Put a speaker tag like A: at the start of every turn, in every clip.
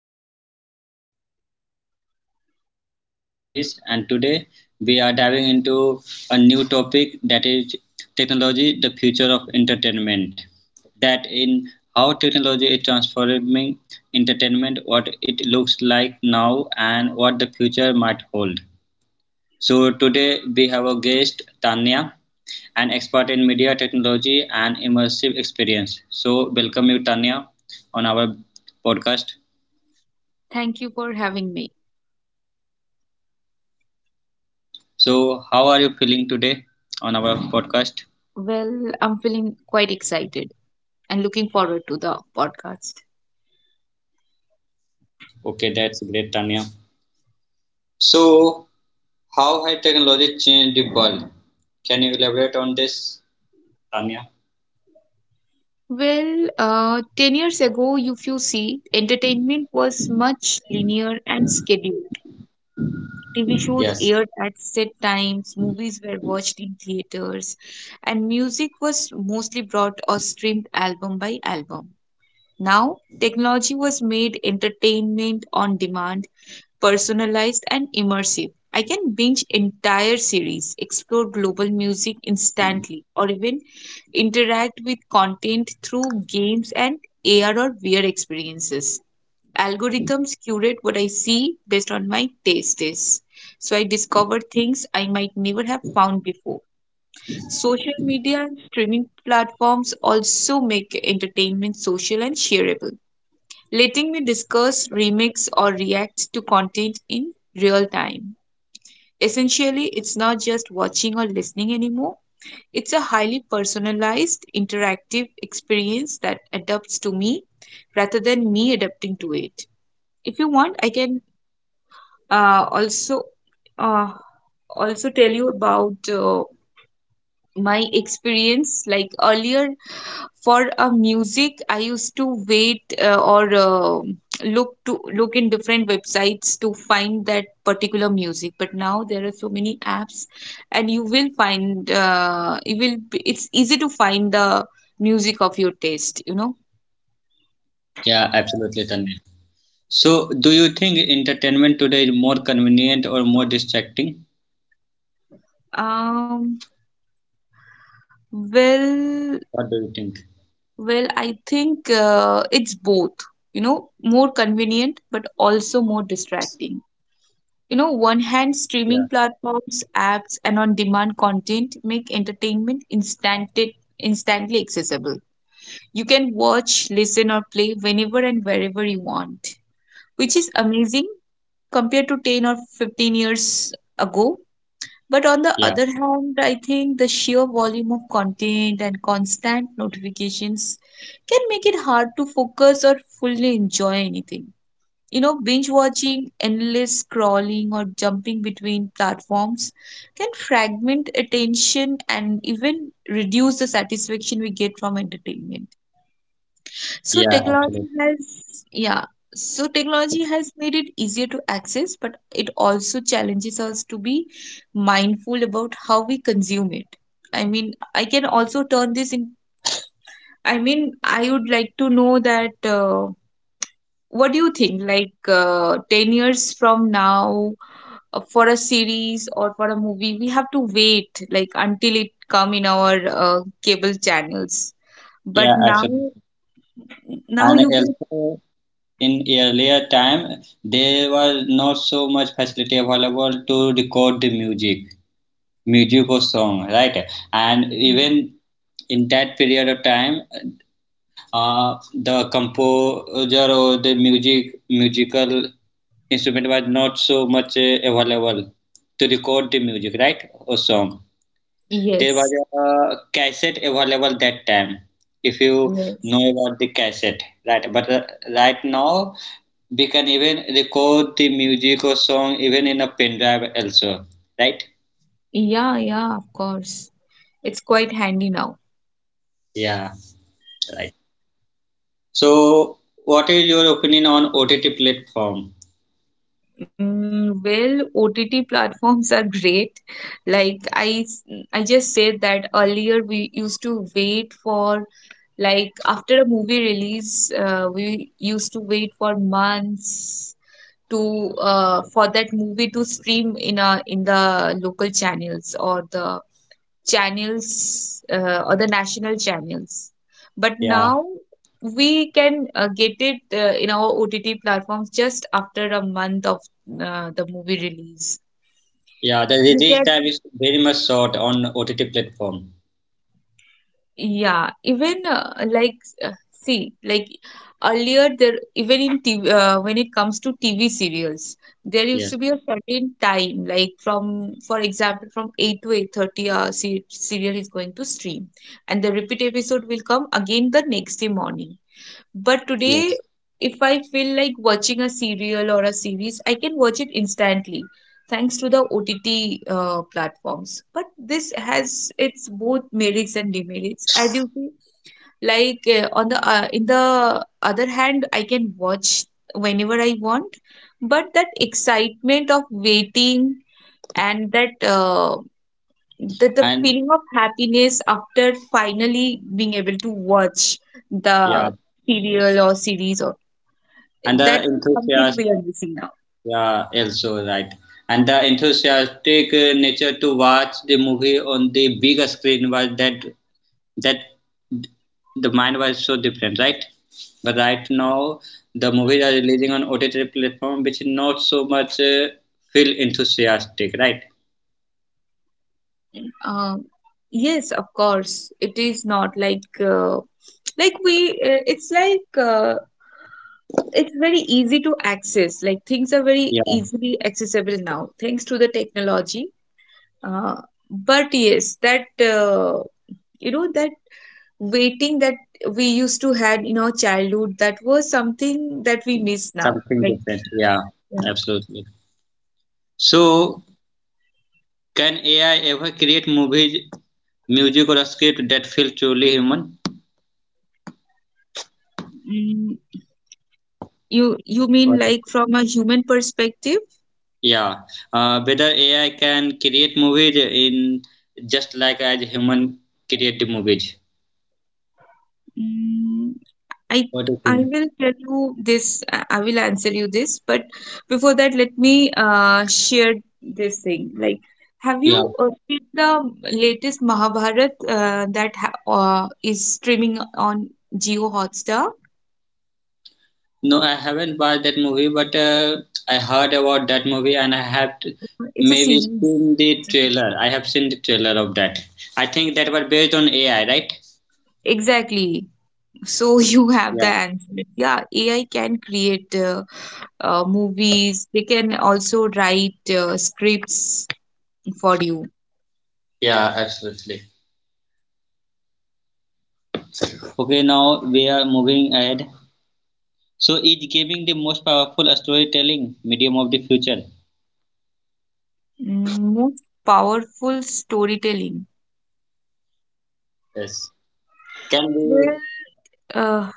A: welcome to Next Gen Talks. I am your host Nitish and today we are diving into a new topic, that is technology, the future of entertainment. That in how technology is transforming entertainment, what it looks like now and what the future might hold. So today we have a guest, Tanya, an expert in media technology and immersive experience. So welcome you, Tanya, on our podcast.
B: Thank you for having me.
A: So how are you feeling today on our podcast?
B: Well, I'm feeling quite excited and looking forward to the podcast.
A: Okay, that's great, Tanya. So how has technology changed the world? Can you elaborate on this, Tanya?
B: 10 years ago, if you see, entertainment was much linear and scheduled. TV shows
A: Yes.
B: aired at set times, movies were watched in theaters, and music was mostly brought or streamed album by album. Now, technology was made entertainment on demand personalized, and immersive. I can binge entire series, explore global music instantly, or even interact with content through games and AR or VR experiences. Algorithms curate what I see based on my tastes. So I discover things I might never have found before. Social media and streaming platforms also make entertainment social and shareable, letting me discuss, remix, or react to content in real time. Essentially, it's not just watching or listening anymore, it's a highly personalized, interactive experience that adapts to me rather than me adapting to it. If you want, I can uh, also uh, also tell you about my experience. Like earlier, for a music I used to wait or look to look in different websites to find that particular music, but now there are so many apps, and you will find you will be- it's easy to find the music of your taste.
A: Yeah, absolutely, Tanya. So do you think entertainment today is more convenient or more distracting?
B: um well
A: What do you think?
B: I think it's both, you know, more convenient but also more distracting. You know, one hand,
A: Yeah.
B: streaming platforms, apps, and on demand content make entertainment instantly accessible. You can watch, listen, or play whenever and wherever you want, which is amazing compared to 10 or 15 years ago. But on the
A: Yeah.
B: other hand, I think the sheer volume of content and constant notifications can make it hard to focus or fully enjoy anything. You know, binge watching, endless scrolling, or jumping between platforms can fragment attention and even reduce the satisfaction we get from entertainment. So
A: Yeah, absolutely.
B: technology has made it easier to access, but it also challenges us to be mindful about how we consume it. I mean, I can also turn this in. I mean, I would like to know that what do you think? Like 10 years from now, for a series or for a movie we have to wait like until it come in our cable channels,
A: Yeah,
B: but now
A: absolutely.
B: now
A: And
B: you can.
A: also in earlier time, there was not so much facility available to record the music, music or song, right? And even in that period of time, the composer or the music musical instrument was not so much available to record the music, right? Or song. There was
B: Yes.
A: a cassette available that time, if you
B: Yes.
A: know about the cassette, right? But right now, we can even record the music or song even in a pen drive also, right?
B: Yeah, yeah, of course, it's quite handy now.
A: Yeah, right. So, what is your opinion on OTT platform?
B: Well, OTT platforms are great. Like I just said that earlier we used to wait for, like after a movie release, we used to wait for months to for that movie to stream in a in the local channels or the channels, or the national channels, but
A: Yeah,
B: now we can get it in our OTT platforms just after a month of the movie release.
A: yeah. The
B: You
A: release time
B: can.
A: is very much short on OTT platform.
B: Yeah, even see, like earlier there even in TV when it comes to TV serials, there used to
A: Yes,
B: be a certain time, like from for example from 8 to 8:30, se serial is going to stream, and the repeat episode will come again the next day morning. But today,
A: yes,
B: if I feel like watching a serial or a series, I can watch it instantly thanks to the OTT platforms. But this has its both merits and demerits, as you see. Like on the in the other hand, I can watch whenever I want, but that excitement of waiting and that that the
A: and
B: feeling of happiness after finally being able to watch
A: yeah,
B: the serial or series, or
A: and the
B: that is something
A: enthusiasm.
B: we are missing now.
A: Yeah, also right. And the enthusiastic nature to watch the movie on the bigger screen was that the mind was so different, right? But right now, the movies are releasing on OTT platform, which is not so much feel enthusiastic, right?
B: um, yes, of course it is not like like we it's like it's very easy to access, like things are very
A: Yeah,
B: easily accessible now thanks to the technology, uh, but yes, that, uh, you know, that waiting that we used to had in our childhood, that was something that we miss now.
A: something
B: Like
A: different. Yeah,
B: yeah.
A: absolutely. So, can AI ever create movies, music, or a script that feel truly human?
B: mm, you you mean
A: What?
B: like from a human perspective.
A: Yeah, whether AI can create movies in just like as human create the movies.
B: Mm, I
A: What do you
B: I
A: think?
B: will tell you this. I will answer you this, but before that, let me share this thing. Like, have you
A: Yeah,
B: seen the latest Mahabharat that ha uh, is streaming on Jio Hotstar?
A: no, I haven't watched that movie, but I heard about that movie and
B: It's a
A: maybe
B: series.
A: seen the
B: It's a
A: trailer.
B: series.
A: I have seen the trailer of that. I think that was based on AI, right?
B: Exactly. So you have the
A: Yeah.
B: answer. Yeah, AI can create movies. They can also write scripts for you.
A: Yeah, absolutely. Okay, now we are moving ahead. So, is giving the most powerful storytelling medium of the future?
B: Mm, most powerful storytelling.
A: Yes. Can
B: Well,
A: we
B: uh,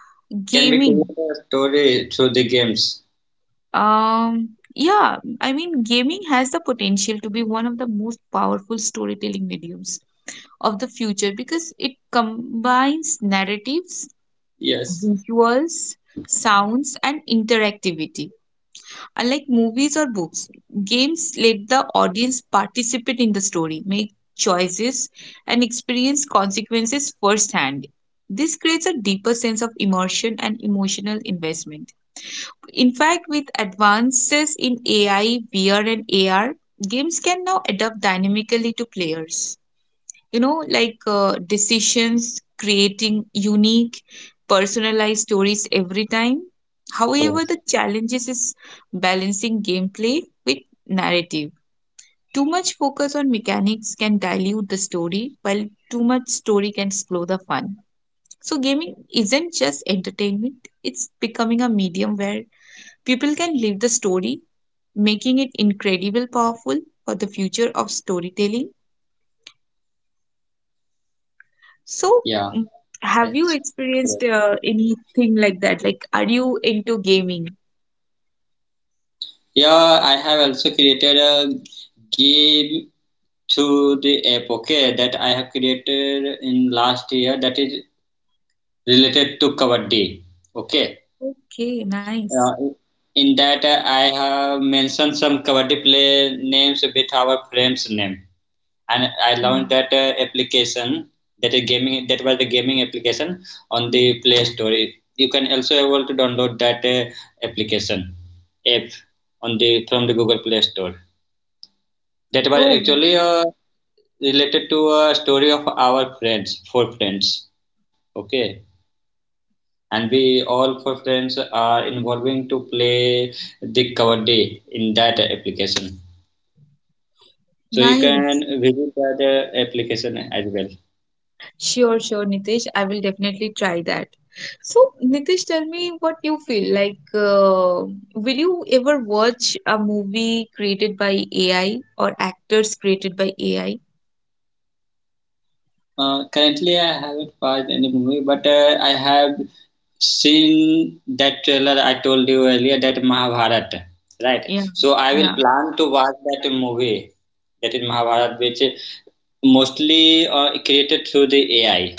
A: Can we
B: gaming.
A: create a story through the games?
B: Um, yeah, I mean, gaming has the potential to be one of the most powerful storytelling mediums of the future because it combines narratives,
A: Yes.
B: visuals, sounds, and interactivity. Unlike movies or books, games let the audience participate in the story, make choices, and experience consequences firsthand. This creates a deeper sense of immersion and emotional investment. In fact, with advances in AI, VR, and AR, games can now adapt dynamically to players, you know, like decisions, creating unique personalized stories every time. However,
A: Yes,
B: the challenges is balancing gameplay with narrative. Too much focus on mechanics can dilute the story, while too much story can slow the fun. So gaming isn't just entertainment, it's becoming a medium where people can live the story, making it incredible powerful for the future of storytelling. So,
A: yeah,
B: mm, have you
A: that's great.
B: experienced anything like that? Like, are you into gaming?
A: Yeah, I have also created a game through the app, okay, that I have created in last year, that is related to Kabaddi, okay.
B: Okay, nice.
A: Uh, in that, I have mentioned some Kabaddi play names with our friends' name. And I launched
B: Mm.
A: that application, that a gaming, that was the gaming application on the Play Store. You can also able to download that application app on the from the Google Play Store. That was
B: Oh,
A: actually related to a story of our friends, four friends. Okay, and we all four friends are involving to play the cover day in that application. So you can
B: nice.
A: visit that application as well.
B: Sure, sure, Nitesh. I will definitely try that. So, Nitesh, tell me what you feel like. Will you ever watch a movie created by AI or actors created by AI?
A: Currently, I haven't watched any movie, but I have seen that trailer I told you earlier, that Mahabharat, right?
B: Yeah,
A: So I will
B: yeah.
A: plan to watch that movie, that is Mahabharat, which is mostly created through the AI.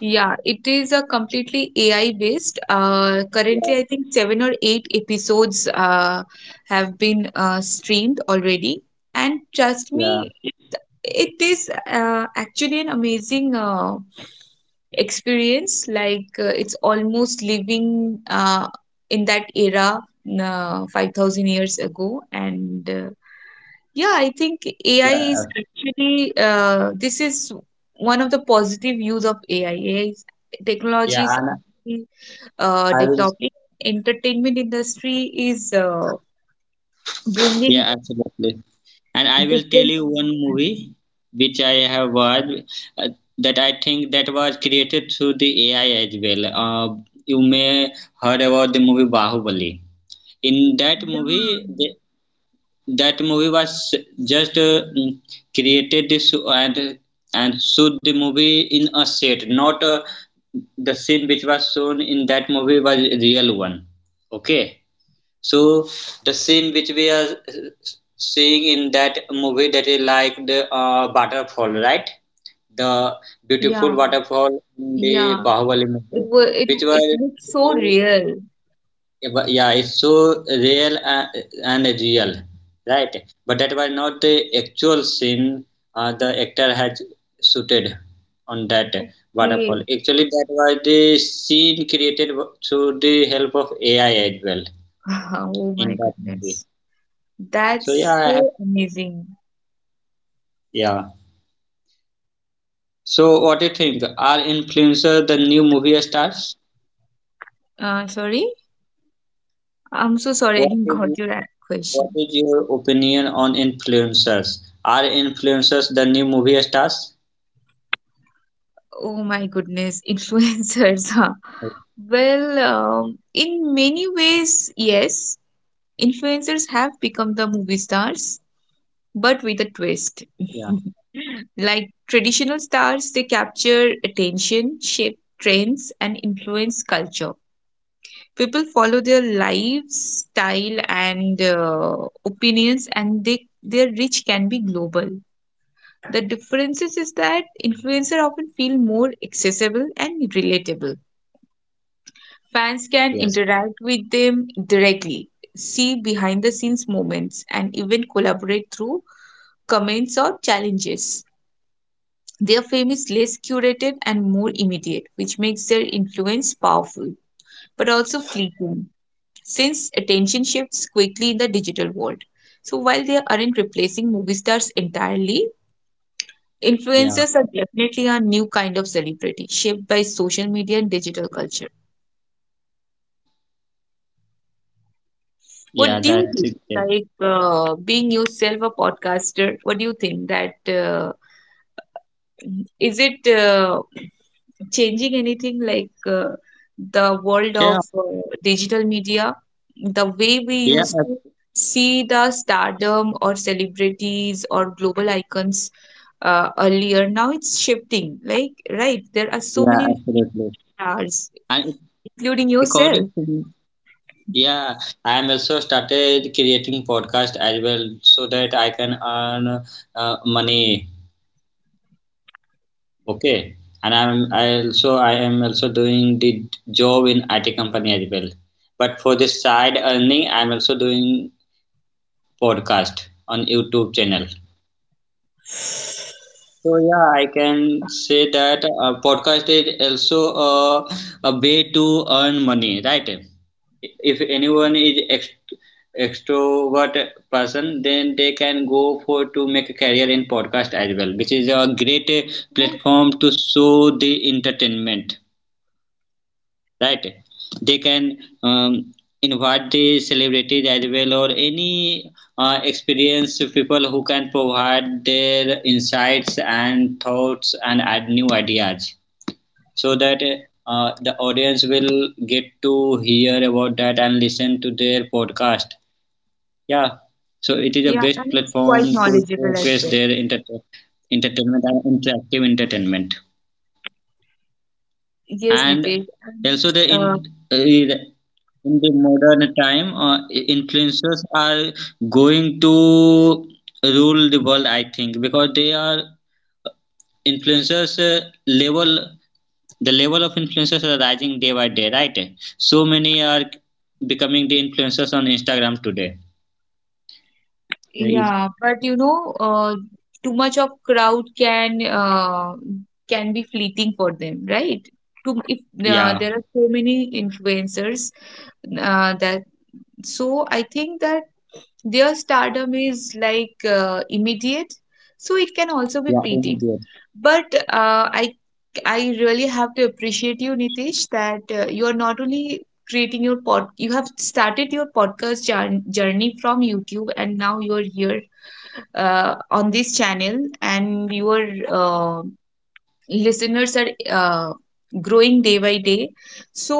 B: Yeah, it is a completely AI based.
A: Yeah,
B: Currently, I think 7 or 8 episodes have been streamed already. And trust
A: yeah,
B: me, it is actually an amazing experience. Like, it's almost living in that era 5,000 years ago. And yeah, I think AI is
A: yeah,
B: actually, this is one of the positive use of AI. AI is, technology
A: yeah.
B: is
A: And
B: actually
A: I will
B: developing. Entertainment industry is
A: Yeah,
B: bringing
A: absolutely. And I will tell
B: different
A: you
B: kind
A: one
B: of content.
A: movie which I have watched, uh, that I think that was created through the AI as well. You may heard about the movie Bahubali. In that
B: Yeah,
A: movie, the, that movie was just created this and shoot the movie in a set, not the scene which was shown in that movie was real one. Okay, so the scene which we are seeing in that movie, that is like the waterfall, right? The
B: yeah,
A: beautiful waterfall in the
B: yeah.
A: Bahubali
B: It
A: movie,
B: was, it
A: which
B: it
A: was
B: looks so
A: basically-
B: real.
A: yeah, it's so real and real, right? But that was not the actual scene the actor had shooted on that
B: Okay.
A: waterfall. Actually, that was the scene created through the help of AI as well
B: Oh
A: in
B: my
A: that movie.
B: goodness,
A: So yeah,
B: that's
A: I have
B: so amazing.
A: yeah. So what do you think? Are influencers the new movie stars?
B: Sorry, I'm so sorry I didn't
A: What is
B: got your
A: what
B: question.
A: is your opinion on influencers? Are influencers the new movie stars?
B: Oh my goodness, influencers, huh? Well, in many ways, yes, influencers have become the movie stars, but with a twist.
A: Yeah.
B: Like traditional stars, they capture attention, shape trends, and influence culture. People follow their lives, style, and opinions, and they their reach can be global. The differences is that influencers often feel more accessible and relatable. Fans can
A: Yes.
B: interact with them directly, see behind the scenes moments, and even collaborate through comments or challenges. Their fame is less curated and more immediate, which makes their influence powerful but also fleeting, since attention shifts quickly in the digital world. So while they aren't replacing movie stars entirely,
A: Yeah.
B: influencers are definitely a new kind of celebrity shaped by social media and digital culture. What
A: Yeah.
B: do you
A: That's
B: think?
A: it. Yeah.
B: Like being yourself a podcaster, what do you think that, is it changing anything, like the world
A: Yeah.
B: of digital media, the way we used to
A: ab-
B: see the stardom or celebrities or global icons earlier? Now it's shifting. Like right, there are so
A: Yeah.
B: many
A: Absolutely.
B: stars,
A: And
B: including yourself.
A: according to me, yeah, I am also started creating podcast as well so that I can earn money. Okay, and I am also doing the job in IT company as well. But for the side earning, I'm also doing podcast on YouTube channel. So yeah, I can say that podcast is also uh, a way to earn money, right? If anyone is extrovert person, then they can go for to make a career in podcast as well, which is a great
B: So,
A: platform to show the entertainment, right? They can um, invite the celebrities as well or any experienced people who can provide their insights and thoughts and add new ideas, so that the audience will get to hear about that and listen to their podcast, yeah. So it is the
B: yeah,
A: best
B: and it's
A: platform
B: quite
A: to
B: knowledgeable as
A: showcase
B: well.
A: their entertainment and interactive entertainment.
B: Yes,
A: And
B: Nitesh.
A: also
B: And
A: the in the modern time, influencers are going to rule the world, I think, because they are eh, influencers level the level of influencers are rising day by day, right? So many are becoming the influencers on Instagram today. Right.
B: yeah, but you know, too much of crowd can be fleeting for them, right? Too if
A: Yeah.
B: there are so many influencers that so I think that their stardom is like immediate, so it can also be
A: Yeah,
B: fleeting.
A: immediate.
B: But I I really have to appreciate you, Nitish, that you are not only creating your pod you have started your podcast journey from YouTube and now you're here on this channel, and your uh, listeners are growing day by day. So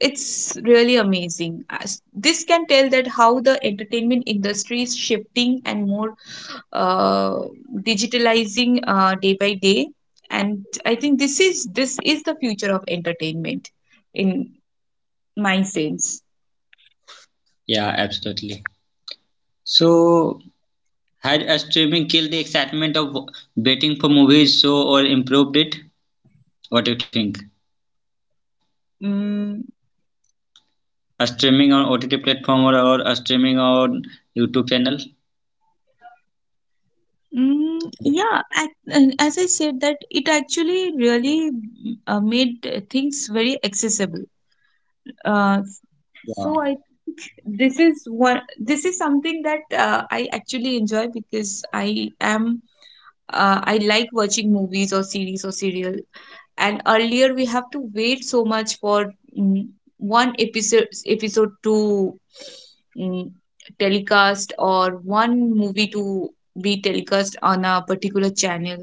B: it's really amazing. As this can tell that how the entertainment industry is shifting and more uh, digitalizing day by day, and I think this is the future of entertainment in my sense.
A: Yeah, absolutely. So had a streaming killed the excitement of waiting for movies so or improved it? What do you think?
B: Mm.
A: A streaming on OTT platform, or a streaming on YouTube channel?
B: And as I said, that it actually really, made things very accessible. Uh,
A: Yeah.
B: so I This is one, this is something that I actually enjoy, because I am, I like watching movies or series or serial. And earlier we have to wait so much for, one episode to, mm, telecast, or one movie to be telecast on a particular channel.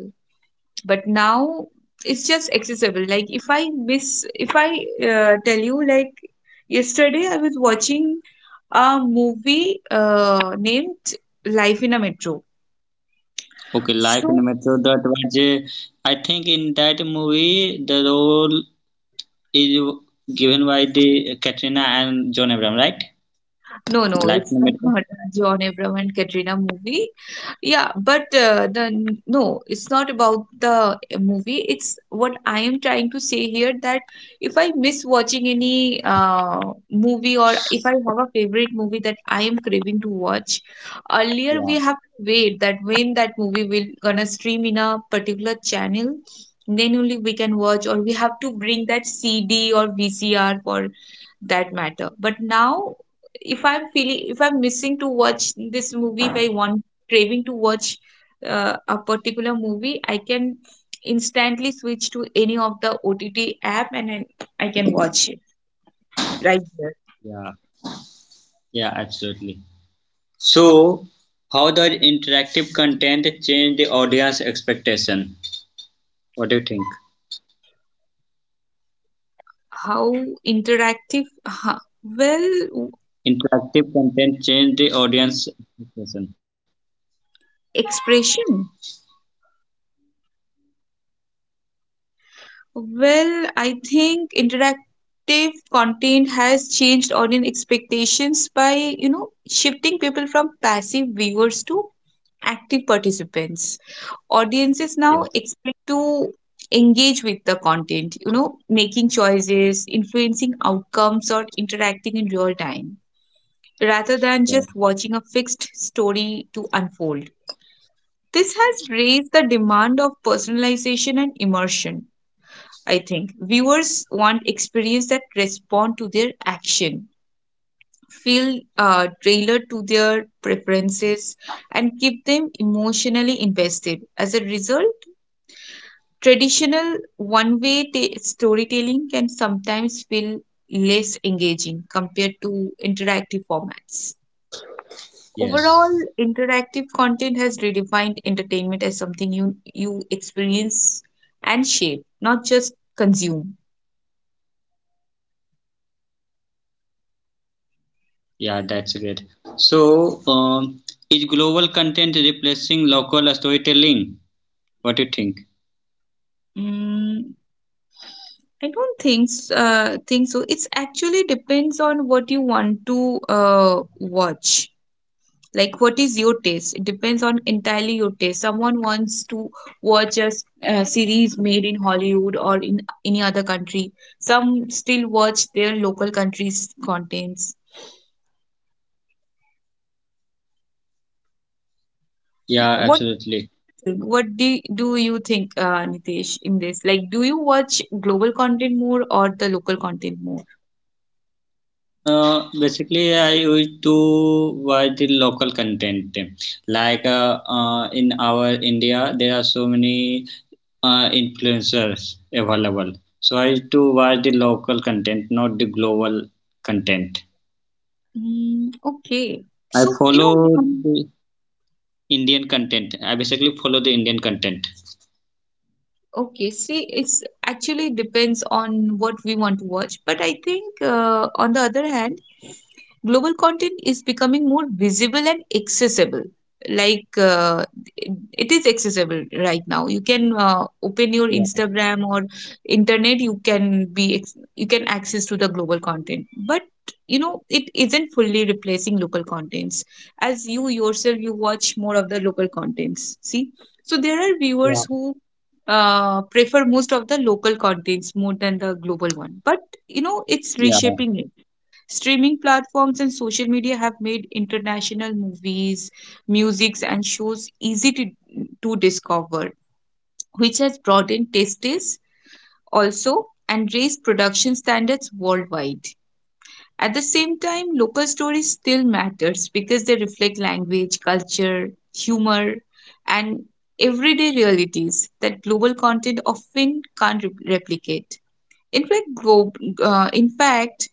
B: But now it's just accessible. Like if I miss, if I tell you, like yesterday I was watching a movie named Life in a Metro.
A: Okay, Life in the
B: So
A: Metro, that was a, I think in that movie the role is given by the Katrina and John Abraham, right?
B: no, no,
A: Life
B: it's
A: in the Metro?
B: not a John Abram and Katrina movie. Yeah, but the no, it's not about the movie. It's what I am trying to say here that if I miss watching any movie, or if I have a favorite movie that I am craving to watch, earlier
A: Yeah,
B: we have to wait that when that movie will gonna stream in a particular channel, then only we can watch, or we have to bring that CD or VCR for that matter. But now if I'm missing to watch this movie, if I want craving to watch a particular movie, I can instantly switch to any of the OTT app, and then I can watch it right there.
A: yeah, yeah, absolutely. So, how does interactive content change the audience expectation? What do you think?
B: How interactive, well,
A: Interactive content change the audience expectation.
B: expression well, I think interactive content has changed audience expectations by, you know, shifting people from passive viewers to active participants. Audiences now
A: Yes.
B: expect to engage with the content, you know, making choices, influencing outcomes, or interacting in real time rather than
A: Yeah.
B: just watching a fixed story to unfold. This has raised the demand of personalization and immersion. I think viewers want experience that respond to their action, feel tailored to their preferences, and keep them emotionally invested. As a result, traditional one way storytelling can sometimes feel less engaging compared to interactive formats. Overall,
A: Yes.
B: interactive content has redefined entertainment as something you experience and shape, not just consume.
A: Yeah, that's great. So, is global content replacing local storytelling? What do you think?
B: Mm, I don't think so. It's actually depends on what you want to watch, like what is your taste. It depends on entirely your taste. Someone wants to watch a series made in Hollywood or in any other country. Some still watch their local country's contents.
A: Yeah,
B: what
A: absolutely.
B: what do, do you think, Nitesh, in this, like do you watch global content more or the local content more?
A: Basically, I used to watch the local content. In our India, there are so many influencers available. So I used to watch the local content, not the global content.
B: Mm, okay.
A: I
B: So, you know,
A: follow
B: um,
A: the Indian content. I basically follow the Indian content.
B: okay, see, it's actually depends on what we want to watch. But I think, on the other hand, global content is becoming more visible and accessible. like uh, it it is accessible right now. You can open your
A: Yeah,
B: Instagram or internet. You can access to the global content, but, you know, it isn't fully replacing local contents. As you yourself, you watch more of the local contents, see. So there are
A: yeah,
B: viewers who prefer most of the local contents more than the global one, but, you know, it's
A: yeah.
B: reshaping. Streaming platforms and social media have made international movies, musics, and shows easy to discover, which has broadened tastes also and raised production standards worldwide. At the same time, local stories still matters because they reflect language, culture, humor, and everyday realities that global content often can't replicate. In fact, glo- in fact,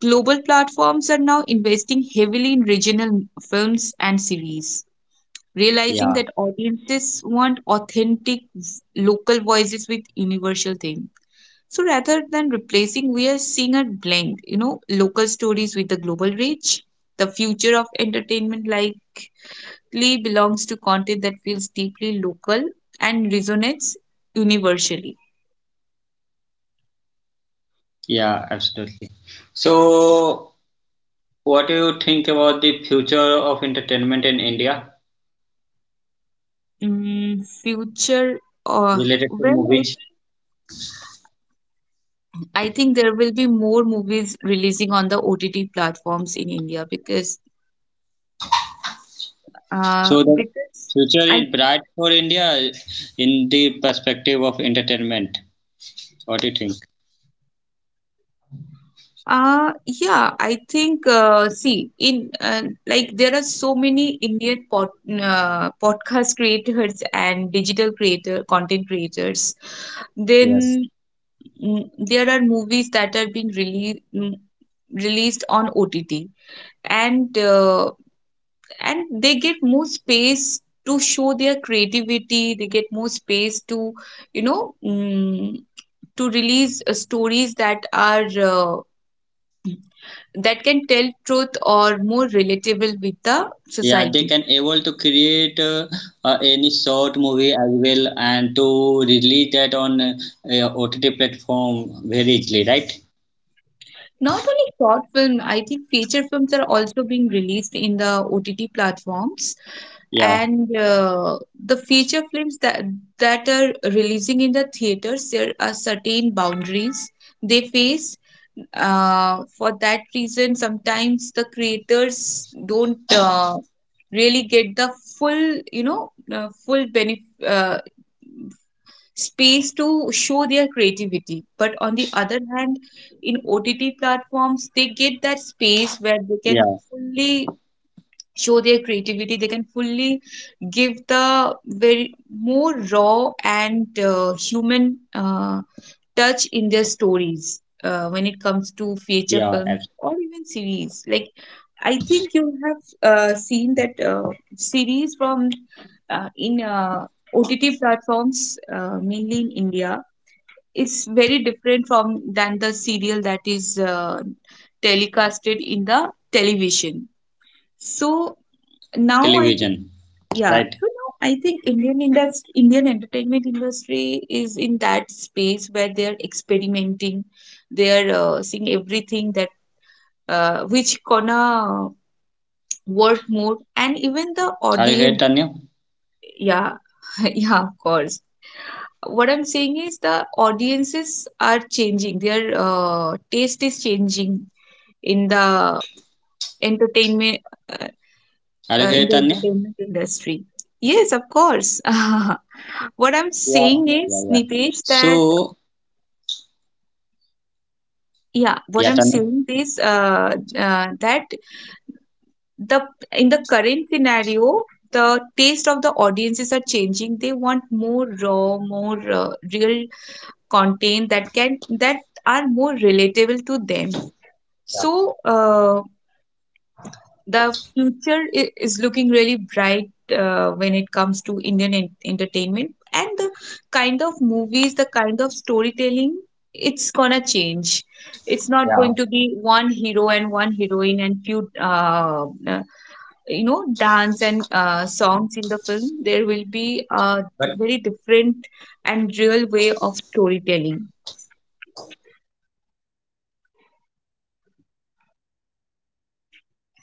B: global platforms are now investing heavily in regional films and series, realizing
A: Yeah.
B: that audiences want authentic local voices with universal themes. So rather than replacing, we are seeing a blend, you know, local stories with the global reach. The future of entertainment likely belongs to content that feels deeply local and resonates universally.
A: Yeah, absolutely. So, what do you think about the future of entertainment in India
B: Mm, future, uh,
A: related to
B: well,
A: movies?
B: I think there will be more movies releasing on the OTT platforms in India, because uh,
A: So, the
B: because
A: future
B: I
A: is bright for India in the perspective of entertainment. What do you think?
B: yeah, I think see in like there are so many Indian podcast creators and digital creator content creators.
A: Yes.
B: Then mm, there are movies that are being released on OTT, and uh, and they get more space to show their creativity. They get more space to, you know, mm, to release stories that can tell truth or more relatable with the
A: Yeah, they
B: society.
A: can able to create any short movie as well and to release that on OTT platform very easily, right?
B: Not only short film, I think feature films are also being released in the OTT platforms.
A: Yeah,
B: And the feature films that are releasing in the theaters, there are certain boundaries they face. For that reason, sometimes the creators don't really get the full, you know, full benefit. Space to show their creativity. But on the other hand, in OTT platforms, they get that space where they
A: yeah,
B: can fully show their creativity. They can fully give the very more raw and human touch in their stories when it comes to feature
A: yeah.
B: film
A: abs-
B: or even series. Like I think you have seen that series from in OTT platforms, mainly in India. It's very different from than the serial that is telecasted in the television. So now I think,
A: Television,
B: yeah.
A: right?
B: So now I think Indian industry, Indian entertainment industry is in that space where they're experimenting,
A: Yeah,
B: they're
A: absolutely.
B: seeing everything that which gonna work more, and even the
A: Are you here,
B: audience.
A: Tanya?
B: Yeah, yeah, of course. What I'm saying is the audiences are changing. Their taste is changing in the entertainment, uh,
A: Are you here,
B: in the
A: Tanya?
B: entertainment industry. Yes, of course. What I'm
A: Yeah,
B: saying
A: yeah,
B: is,
A: yeah.
B: Nitesh, that
A: So,
B: yeah, what
A: yeah,
B: I'm
A: Tanya.
B: saying is that the in the current scenario, the taste of the audiences are changing. They want more raw, more real content that are more relatable to them.
A: Yeah,
B: So, the future is looking really bright when it comes to entertainment, and the kind of movies, the kind of storytelling, it's gonna change. It's not going
A: yeah.
B: to be one hero and one heroine and few, you know, dance and songs in the film. There will be a very different and real way of storytelling.
A: Yeah, absolutely.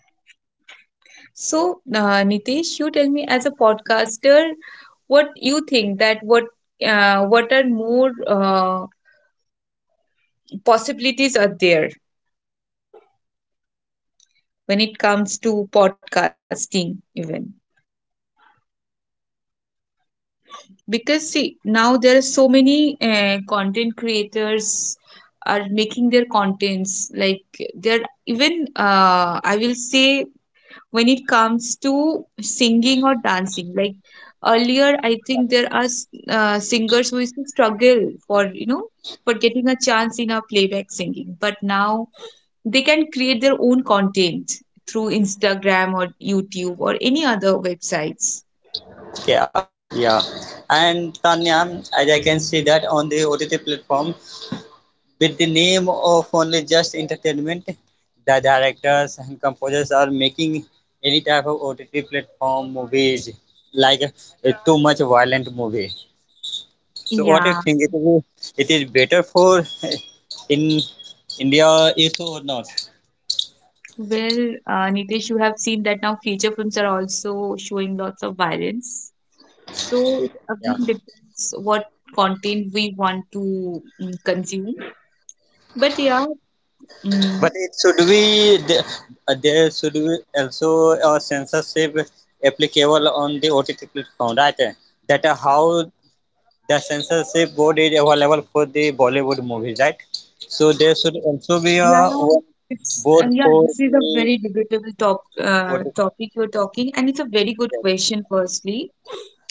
A: But
B: So,
A: in the name of
B: Nitesh, you tell me as a
A: entertainment,
B: podcaster,
A: currently
B: what you think that
A: OTT
B: what are
A: platform, the
B: more
A: directors are releasing any type of movies.
B: possibilities are there
A: What do you
B: when
A: think?
B: it comes to podcasting even? Because see, now there are so many content creators are making their contents, like they're even, I will say, when it comes to singing or dancing. Like earlier, I think there are singers who used to struggle for, you know, for getting a chance in a playback singing. But now they can create their own content through Instagram or YouTube or any other websites.
A: Yeah, yeah. And Tanya, as I can see that on the OTT platform, with the name of only just entertainment, the directors and composers are making any type of OTT platform movies like a too much violent movie. So what do you
B: Yeah,
A: think? It is better for in India is or not?
B: well, Nitesh, you have seen that now feature films are also showing lots of violence. So it
A: Yeah,
B: again depends what content we want to, mm, consume. But yeah, mm,
A: but it should be the- there should be also a censorship applicable on the OTT platform, right? That how the censorship board is available for the Bollywood movies, right? So there should also be a
B: yeah,
A: one
B: it's
A: board
B: yeah,
A: for
B: this is a
A: the
B: very debatable
A: OTT
B: topic you're talking, and it's a very good
A: platform.
B: question, firstly.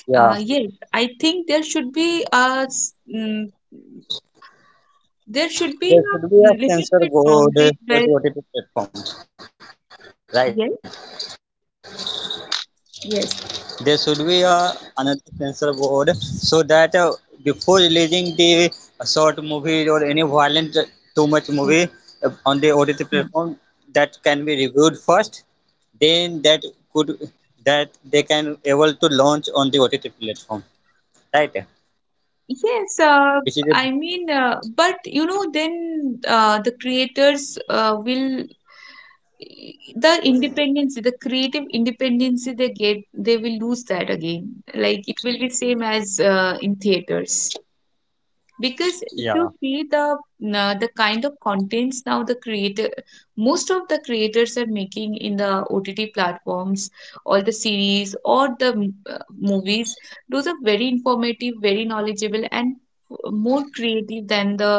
A: Yeah,
B: Yes, I think there should be a mm, there should be
A: there should be
B: a
A: a
B: little
A: censor
B: bit
A: board
B: boundary
A: for
B: where
A: the OTT platforms, right?
B: yes,
A: There should be a
B: yes,
A: another censor board so that before releasing the short movie or any violent too much movie on the
B: yes.
A: OTT platform, that
B: Mm.
A: can be reviewed first, then that could that they can able to launch on the OTT platform, right? Which
B: Yes,
A: is a
B: I mean, but you know, then the creators will, the independence, the creative independence they get, they will lose that again, like it will be same as in theaters. Because if
A: yeah,
B: you see the kind of contents now the creator, most of the creators are making in the OTT platforms, all the series or the mm, movies, those are very informative, very knowledgeable, and more creative than the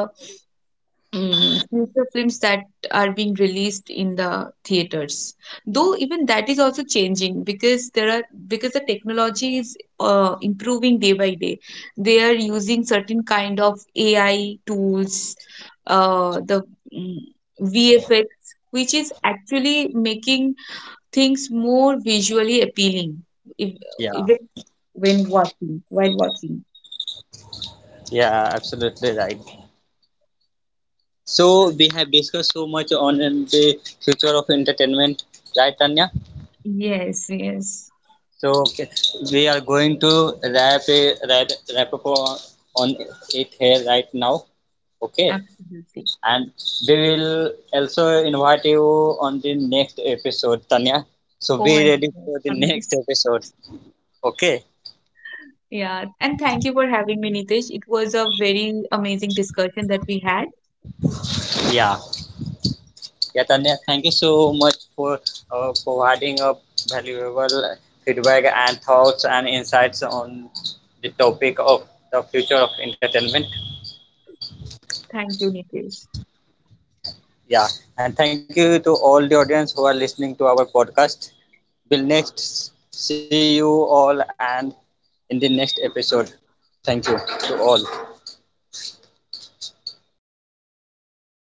B: mm, future films that are being released in the theaters. Though even that is also changing because there are, because the technology is improving day by day. They are using certain kind of AI tools, the mm, VFX, which is actually making things more visually appealing, if,
A: yeah,
B: even when watching, while watching.
A: yeah, absolutely right. So we have discussed so much on the future of entertainment, right, Tanya?
B: Yes, yes,
A: So okay, we are going to wrap up on on it here right now. Okay,
B: absolutely.
A: and we will also invite you on the next episode, Tanya. So
B: Oh
A: be
B: my
A: ready for
B: goodness.
A: the
B: Thank you.
A: next episode. Okay,
B: Yeah, and thank you for having me, Nitesh. It was a very amazing discussion that we had.
A: yeah, yeah, Tanya, thank you so much for providing a valuable feedback and thoughts and insights on the topic of the future of entertainment.
B: Thank you, Nitesh.
A: Yeah, and thank you to all the audience who are listening to our podcast. We'll next see you all and in the next episode. Thank you to all.